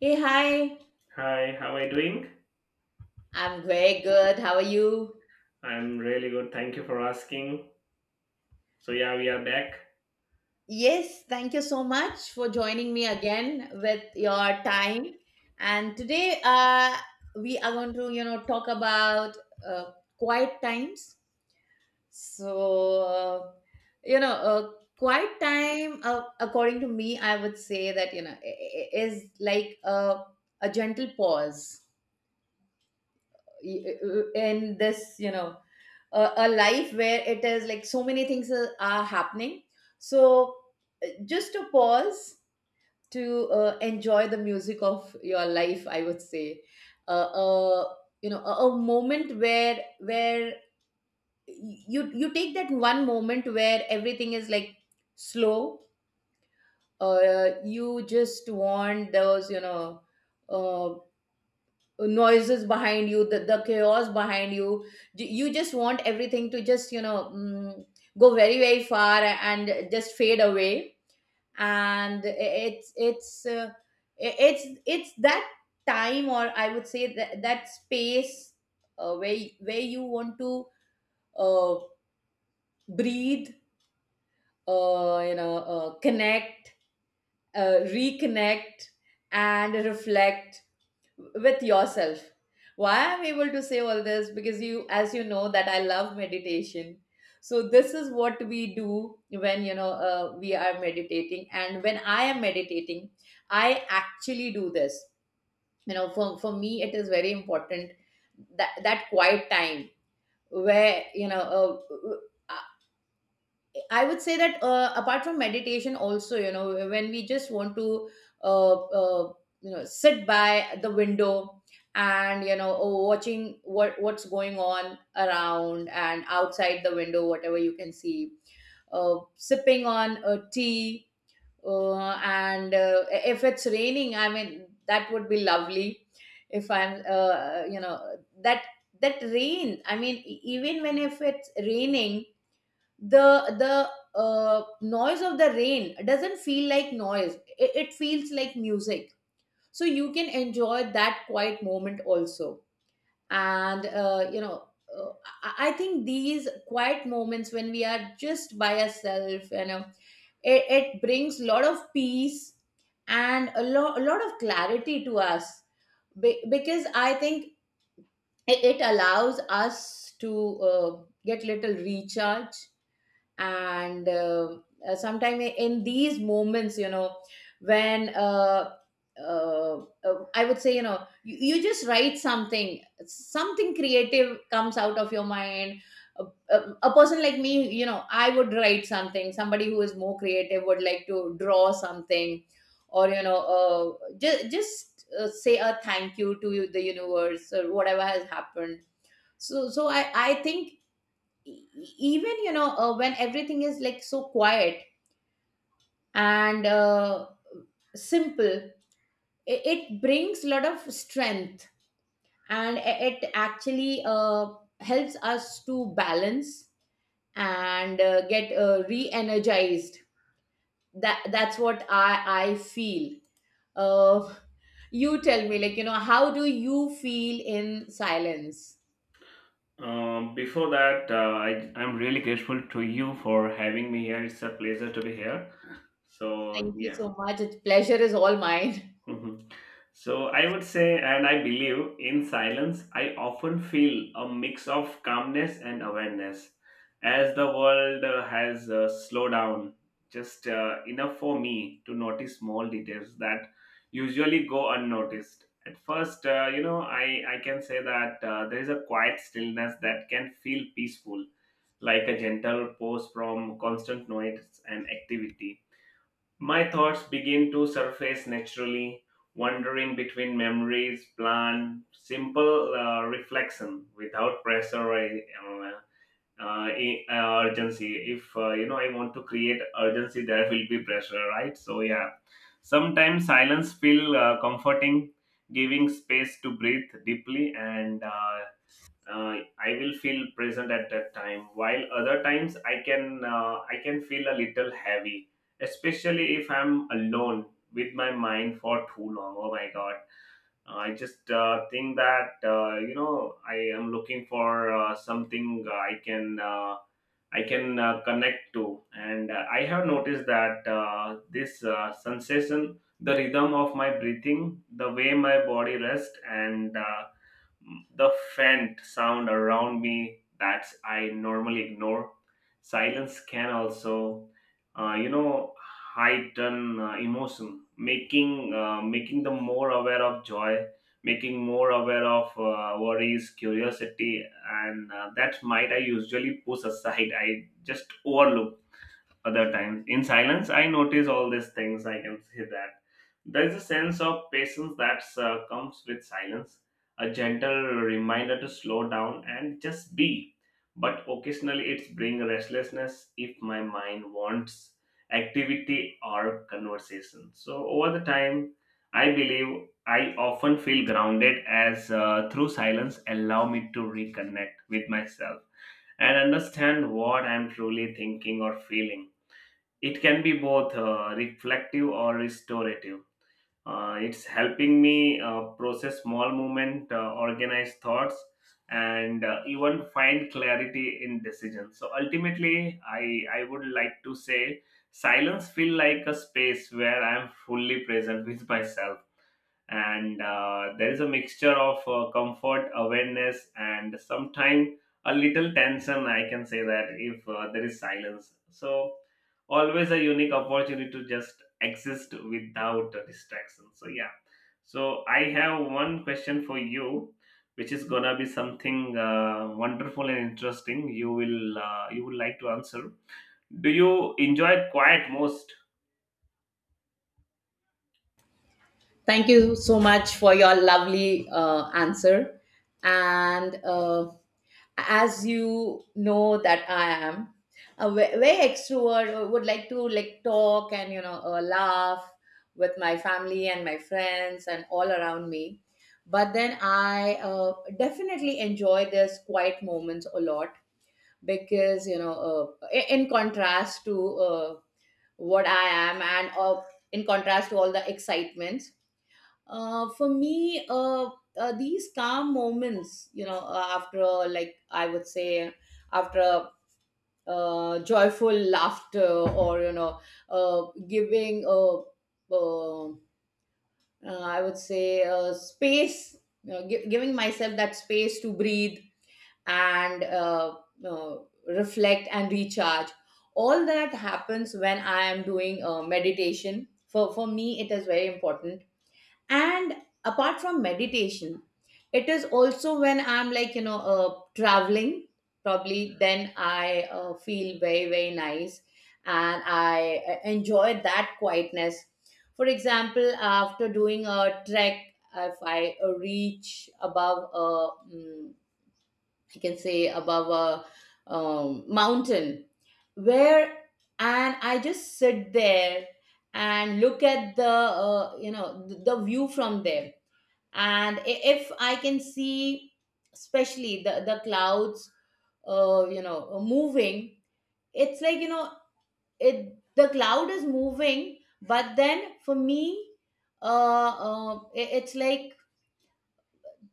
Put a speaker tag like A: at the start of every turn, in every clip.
A: Hey, hi.
B: Hi, how are you doing?
A: I'm very good. How are you?
B: I'm really good. Thank you for asking. So yeah, we are back.
A: Yes, thank you so much for joining me again with your time. And today, we are going to, talk about uh, quiet times. So, you know, uh, quiet time, according to me, I would say that, is like a gentle pause in this, a life where it is like so many things are happening. So, just to pause, to enjoy the music of your life, I would say, uh, uh, a moment where you take that one moment where everything is like slow. You just want those, uh, noises behind you, the chaos behind you. You just want everything to just, go very very far and just fade away, and it's that time, or I would say, that that space, where you want to uh, breathe, connect, reconnect, and reflect with yourself. Why I'm able to say all this, because you, as you know, that I love meditation. So this is what we do when, we are meditating, and when I am meditating, I actually do this, for me it is very important, that that quiet time where, I would say that, apart from meditation, also, when we just want to, uh, uh, sit by the window, and, oh, watching what's going on around and outside the window, whatever you can see, sipping on a tea, and, if it's raining, I mean that would be lovely. If I'm, that rain. I mean, even when, if it's raining, the noise of the rain doesn't feel like noise, it feels like music, so you can enjoy that quiet moment also. And, uh, I think these quiet moments, when we are just by ourselves, it brings a lot of peace, and a lot of clarity to us. Because I think it allows us to, uh, get little recharge, and uh, in these moments, when, uh, I would say, you just write something, something creative comes out of your mind. A, a, a person like me, I would write something. Somebody who is more creative would like to draw something, or, just say a thank you to the universe or whatever has happened. So I think, e- even, when everything is like so quiet, and, simple, it brings a lot of strength, and it actually, helps us to balance, and get re-energized. That's what I feel. uh, you tell me, like, how do you feel in silence?
B: Before that, I'm really grateful to you for having me here. It's a pleasure to be here. So
A: Thank you
B: yeah.
A: so much. It's pleasure is all mine.
B: Mhm. So I would say, and I believe, in silence, I often feel a mix of calmness and awareness as the world has slowed down just enough for me to notice small details that usually go unnoticed. At first, I can say that there is a quiet stillness that can feel peaceful, like a gentle pause from constant noise and activity. My thoughts begin to surface naturally, wandering between memories, plan, simple reflection without pressure or urgency. If I want to create urgency, there will be pressure, right? So yeah, sometimes silence feel comforting, giving space to breathe deeply and I will feel present at that time. While other times I can feel a little heavy, especially if I'm alone with my mind for too long. Oh my god! I just think that I am looking for something I can connect to, and I have noticed that this sensation, the rhythm of my breathing, the way my body rests, and the faint sound around me that I normally ignore. Silence can also, uh, you know, heighten emotion, making them more aware of joy, making more aware of worries, curiosity, and that might I usually push aside. I just overlook other times. In silence, I notice all these things. I can say that there's a sense of patience that comes with silence, a gentle reminder to slow down and just be. But occasionally, it's bring restlessness if my mind wants activity or conversation. So over the time, I believe I often feel grounded as through silence allow me to reconnect with myself and understand what I'm truly thinking or feeling. It can be both reflective or restorative. It's helping me process small movement, organize thoughts, and even find clarity in decisions. So ultimately, I would like to say silence feel like a space where I'm fully present with myself, and there is a mixture of comfort awareness and sometimes a little tension. I can say that if there is silence, so always a unique opportunity to just exist without a distraction. So yeah, so I have one question for you, which is gonna be something wonderful and interesting you would like to answer. Do you enjoy quiet most?
A: Thank you so much for your lovely answer. And, as you know that I am a very extrovert, would like to, like, talk, and, laugh with my family and my friends and all around me. But then I, definitely enjoy this quiet moments a lot, because, in contrast to, what I am, and, in contrast to all the excitements, for me, these calm moments, after, like I would say, after, joyful laughter, or, giving, uh, I would say, space, giving myself that space to breathe, and, uh, reflect and recharge. All that happens when I am doing meditation. For me, it is very important, and apart from meditation, it is also when I'm, like, traveling. Probably then I, feel very very nice, and I, enjoy that quietness. For example, after doing a trek, if I, reach above a, mm, I can say, above a, mountain, where, and I just sit there, and look at the, the view from there, and if I can see, especially the clouds, moving. It's like, it, the cloud is moving, but then for me, it's like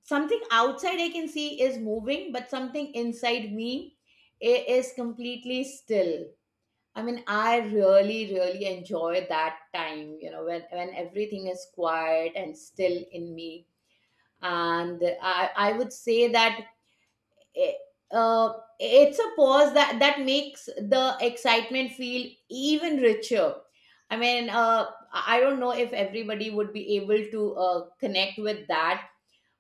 A: something outside I can see is moving, but something inside me is completely still. I mean, I really really enjoy that time, when everything is quiet and still in me. And I would say that, Eh, uh, it's a pause that makes the excitement feel even richer. I mean, I don't know if everybody would be able to, connect with that,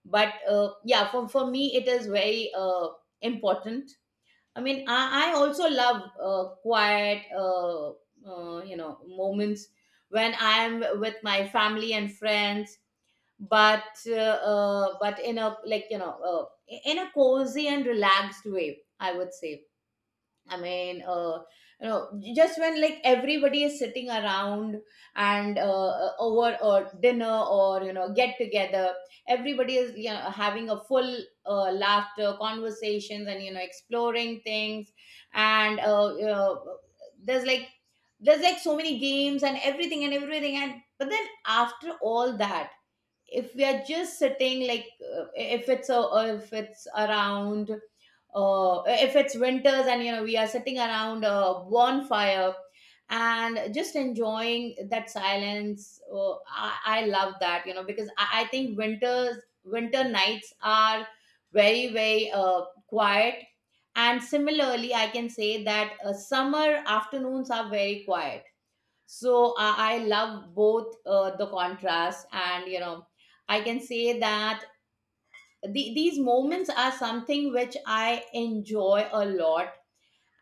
A: but, yeah, for me, it is very, important. I mean, I also love, quiet, moments when I am with my family and friends, but, but in a like, in a cozy and relaxed way, I would say. I mean, just when, like, everybody is sitting around, and, over or dinner, or, get together, everybody is, having a full, laughter conversations, and, exploring things, and, there's like there's like so many games, and everything and, but then after all that, if we are just sitting, like, if it's around, if it's winters, and, we are sitting around a bonfire, and just enjoying that silence. Oh, I love that, because I think, winter nights are very very, quiet. And similarly I can say that, summer afternoons are very quiet. So I love both, the contrast, and, I can say that these moments are something which I enjoy a lot.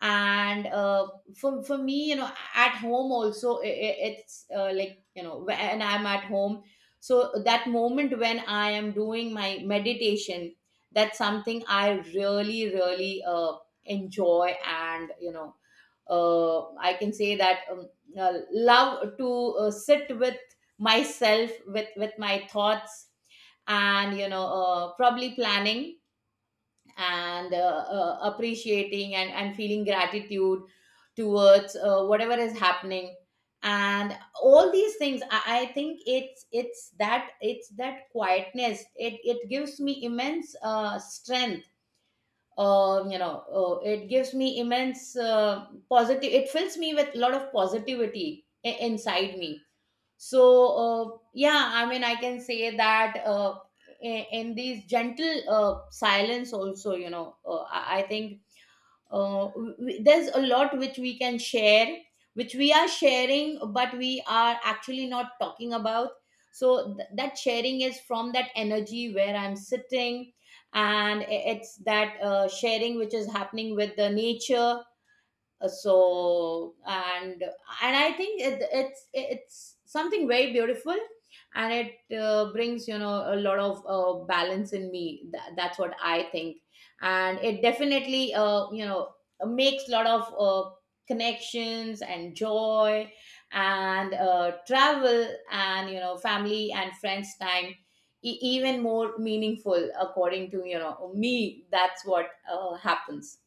A: And, for me, at home also, it's, like, when I'm at home, so that moment when I am doing my meditation, that's something I really really, enjoy. And, I can say that, love to, sit with myself, with my thoughts, and, probably planning, and, appreciating, and feeling gratitude towards, whatever is happening. And all these things, I think, it's that quietness, it gives me immense, strength. It gives me immense, positive. It fills me with a lot of positivity inside me. So, yeah, I mean, I can say that, in these gentle, silence also, I think, uh, w- there's a lot which we can share, which we are sharing, but we are actually not talking about. So that sharing is from that energy where I'm sitting, and it's that, sharing which is happening with the nature. So, and I think it's something very beautiful, and it, brings, a lot of, balance in me. That's what I think. And it definitely, makes a lot of, connections and joy, and, travel, and, family and friends time even more meaningful, according to, me. That's what, happens.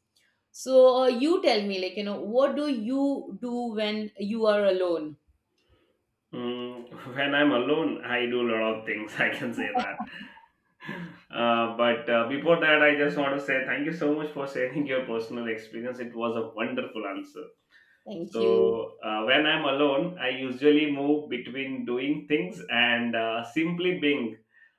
A: So, you tell me, like, what do you do when you are alone?
B: Mm, when I'm alone, I do a lot of things. I can say that. But Before that, I just want to say thank you so much for sharing your personal experience. It was a wonderful answer.
A: Thank you.
B: So, when I'm alone, I usually move between doing things and simply being,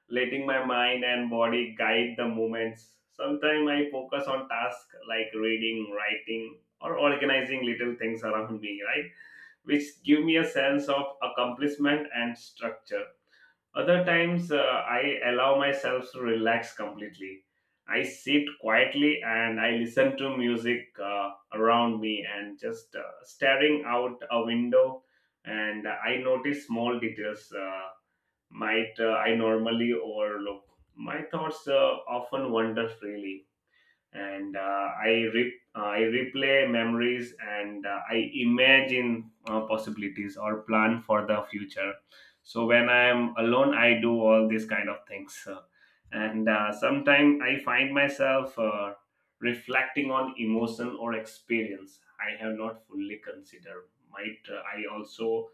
B: letting my mind and body guide the movements. Sometimes I focus on tasks like reading, writing, or organizing little things around me, right? Which give me a sense of accomplishment and structure. Other times, I allow myself to relax completely. I sit quietly and I listen to music around me and just staring out a window. And I notice small details might I normally overlook. My thoughts often wander freely, and I replay memories and I imagine possibilities or plan for the future. So when I am alone, I do all these kind of things. And sometimes I find myself reflecting on emotion or experience I have not fully considered. Might I also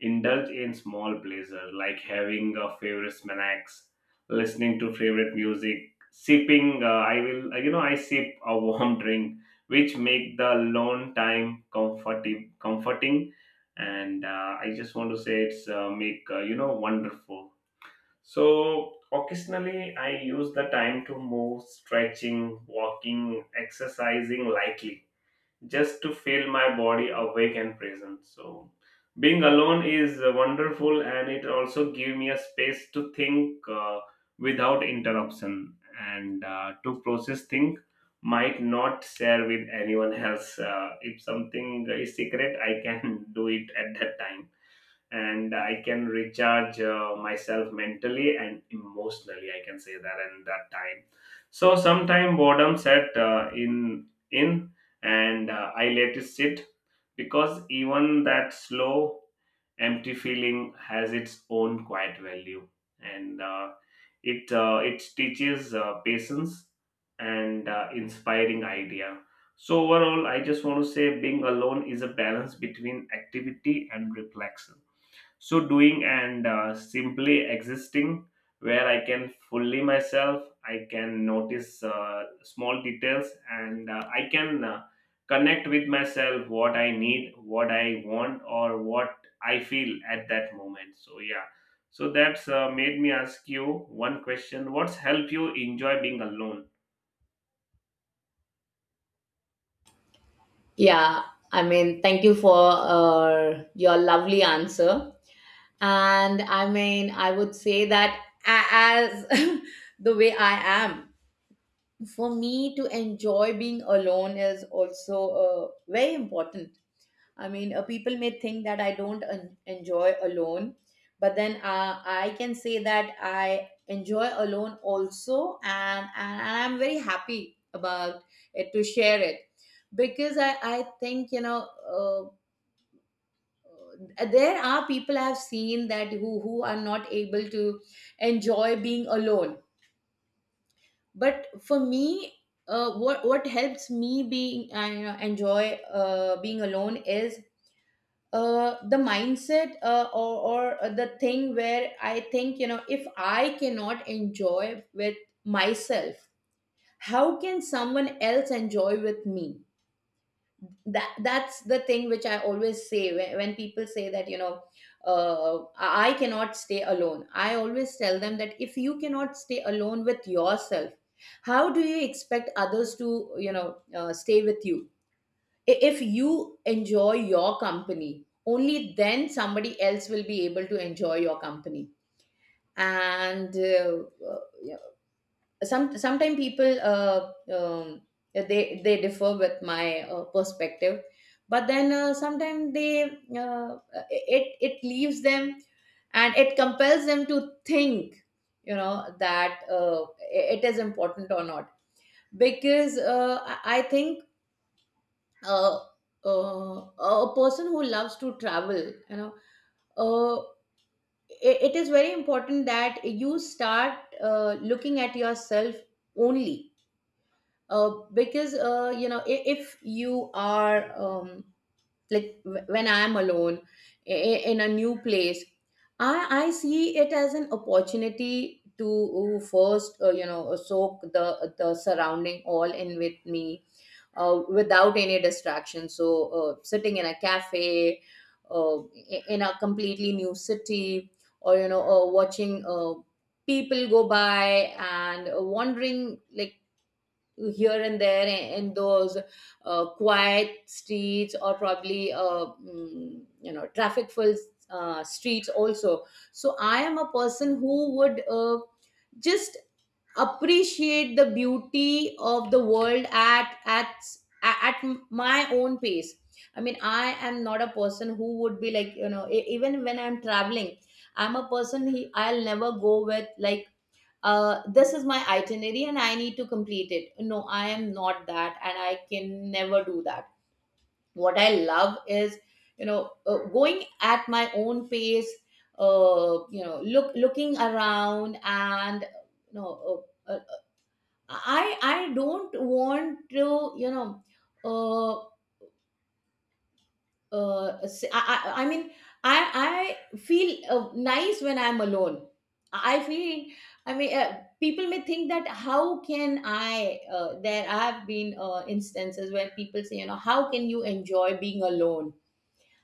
B: indulge in small pleasure like having a favorite snacks, listening to favorite music, sipping. I will, you know, I sip a warm drink, which make the long time comforting, and I just want to say it's make you know wonderful. So occasionally, I use the time to move, stretching, walking, exercising lightly just to feel my body awake and present. So being alone is wonderful, and it also give me a space to think without interruption and to process things might not share with anyone else. If something is secret, I can do it at that time, and I can recharge myself mentally and emotionally. I can say that in that time. So sometime boredom set in, and I let it sit because even that slow, empty feeling has its own quiet value, and it teaches patience and inspiring idea. So overall, I just want to say being alone is a balance between activity and reflection, so doing and simply existing, where I can fully myself. I can notice small details and I can connect with myself what I need, what I want, or what I feel at that moment. So yeah, so that's made me ask you one question. What's helped you enjoy being alone?
A: Yeah, I mean, thank you for, your lovely answer. And I mean, I would say that, as the way I am, for me to enjoy being alone is also, very important. I mean, people may think that I don't, enjoy alone, but then, I can say that I enjoy alone also, and I'm very happy about it to share it, because I think, uh, there are people I've seen that, who are not able to enjoy being alone, but for me. What helps me being, I, enjoy, being alone is, the mindset, or the thing where I think, if I cannot enjoy with myself, how can someone else enjoy with me? That's the thing which I always say, when people say that, I cannot stay alone. I always tell them that if you cannot stay alone with yourself, how do you expect others to, stay with you? If you enjoy your company, only then somebody else will be able to enjoy your company. and uh, uh, yeah, sometimes people um, they differ with my perspective, but then, sometimes they uh, it leaves them, and it compels them to think, you know that it is important or not. Because I think, uh, a person who loves to travel, you know, uh, it is very important that you start looking at yourself only. Because, you know, if you are, like when I am alone in a new place, I see it as an opportunity to first, you know, soak the surrounding all in with me, without any distraction. So, sitting in a cafe, in a completely new city, or, you know, watching people go by, and wandering like here and there in those quiet streets, or probably you know, traffic-filled streets also. So, I am a person who would just appreciate the beauty of the world at my own pace. I mean, I am not a person who would be like, you know, even when I'm traveling, I'm a person I'll never go with like, this is my itinerary and I need to complete it. No, I am not that, and I can never do that. What I love is, you know, going at my own pace, you know, looking around, and you know, I don't want to, you know, uh say, I I mean I I feel nice when I'm alone. I feel, I mean, people may think that, how can I, there have been instances where people say, you know, how can you enjoy being alone?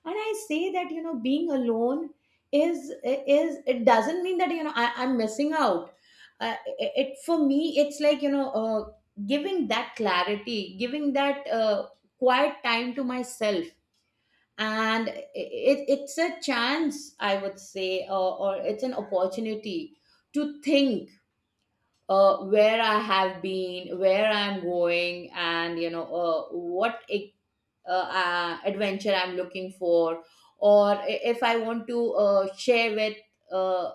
A: And I say that, you know, being alone is, it doesn't mean that, you know, I'm missing out. For me it's like, you know, giving that clarity, giving that quiet time to myself. And it's a chance, I would say, or it's an opportunity to think where I have been, where I'm going, and you know, what adventure I'm looking for, or if I want to share with uh,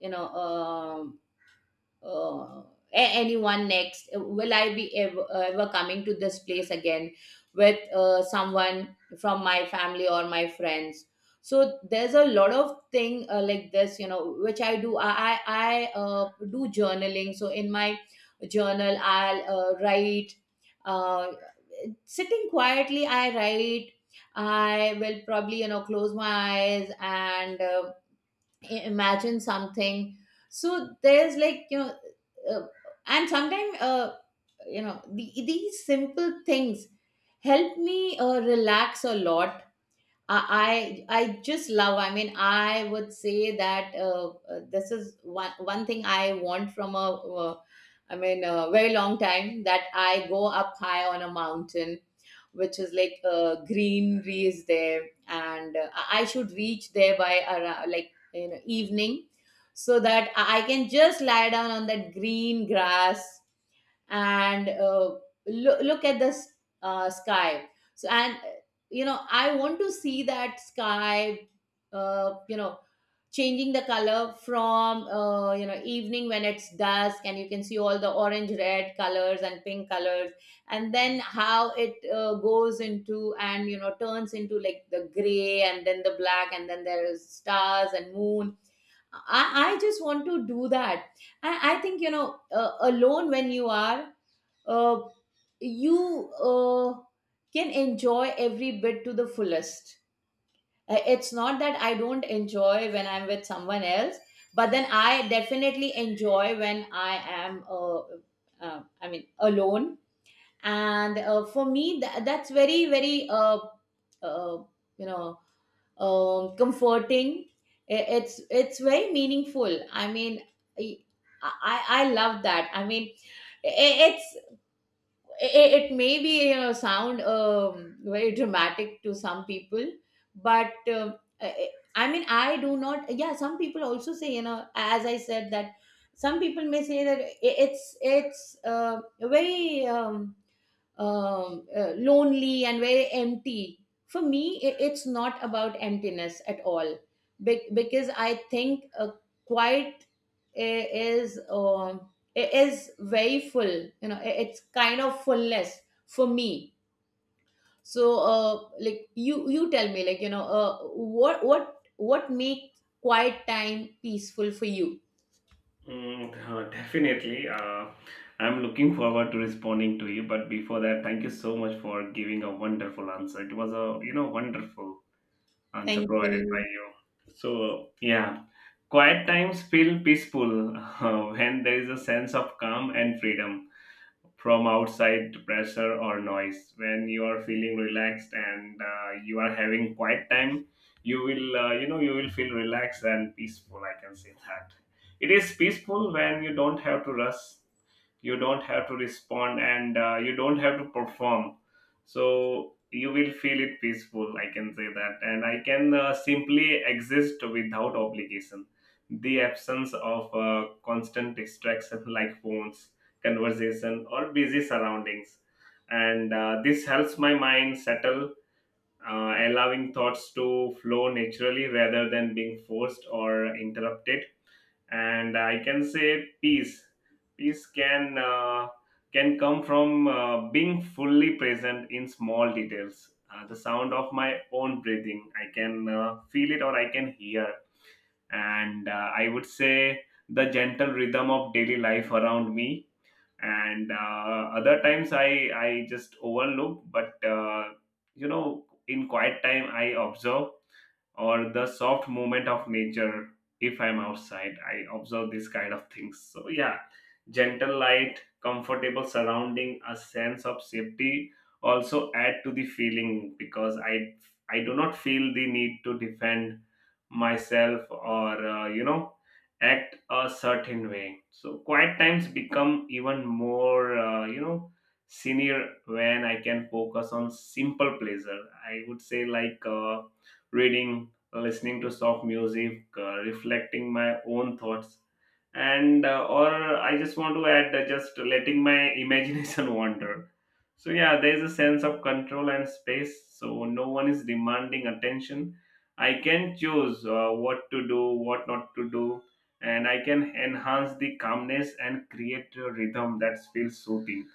A: you know um uh, anyone next. Will I be ever, ever coming to this place again with someone from my family or my friends? So there's a lot of thing like this, you know, which I do. I do journaling. So in my journal, I'll write. Uh, Sitting quietly, I write. I will probably, you know, close my eyes and imagine something. So there's like, you know, uh, and sometimes, you know, these simple things help me relax a lot. I just love. I mean, I would say that, this is one thing I want from a, I mean, a very long time, that I go up high on a mountain which is like, greenery is there, and I should reach there by around, like, you know, evening, so that I can just lie down on that green grass and look at the sky. So and you know, I want to see that sky you know, changing the color from, you know, evening, when it's dusk and you can see all the orange, red colors and pink colors, and then how it goes into, and you know, turns into like the gray, and then the black, and then there is stars and moon. I just want to do that. I think, you know, alone when you are, uh, you can enjoy every bit to the fullest. It's not that I don't enjoy when I'm with someone else, but then I definitely enjoy when I am, I mean, alone. And for me, that's very, very uh, you know comforting. It's very meaningful, I mean, i I love that, I mean. i- it's it may, be you know, sound very dramatic to some people, but I mean, I do not. Yeah, some people also say, you know, as I said, that some people may say that, it's very lonely and very empty. For me, it's not about emptiness at all. Because I think, quiet i- is is very full. You know, it's kind of fullness for me. So, like you tell me, like, you know, what makes quiet time peaceful for you?
B: Mm, definitely. I'm looking forward to responding to you. But before that, thank you so much for giving a wonderful answer. It was a you know wonderful answer
A: Thank
B: provided by
A: you.
B: you. So yeah, quiet times feel peaceful when there is a sense of calm and freedom from outside pressure or noise. When you are feeling relaxed and you are having quiet time, you will feel relaxed and peaceful. I can say that it is peaceful when you don't have to rush, you don't have to respond, and you don't have to perform. So you will feel it peaceful, I can say that, and I can simply exist without obligation. The absence of constant distraction like phones, conversation, or busy surroundings, and this helps my mind settle, allowing thoughts to flow naturally rather than being forced or interrupted. And I can say peace can come from being fully present in small details. The sound of my own breathing, I can feel it or I can hear, and I would say the gentle rhythm of daily life around me, and other times I just overlook, but in quiet time I observe or the soft movement of nature. If I'm outside, I observe these kind of things. So yeah, gentle light, comfortable surrounding, a sense of safety also add to the feeling, because I do not feel the need to defend myself or act a certain way. So quiet times become even more senior when I can focus on simple pleasure. I would say like reading, listening to soft music, reflecting my own thoughts, and or I just want to add just letting my imagination wander. So yeah, there is a sense of control and space. So no one is demanding attention. I can choose what to do, what not to do, and I can enhance the calmness and create a rhythm that feels soothing.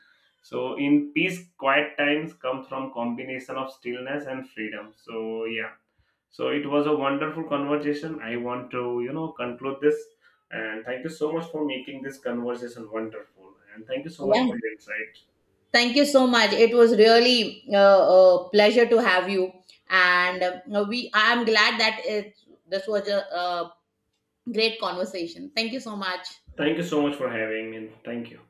B: So in peace, quiet times come from combination of stillness and freedom. So yeah. So it was a wonderful conversation. I want to, you know, conclude this. And thank you so much for making this conversation wonderful. And thank you so much
A: Yeah.
B: for your insight.
A: Thank you so much. It was really a pleasure to have you, and we. I am glad that this was a great conversation. Thank you so much.
B: Thank you so much for having me. Thank you.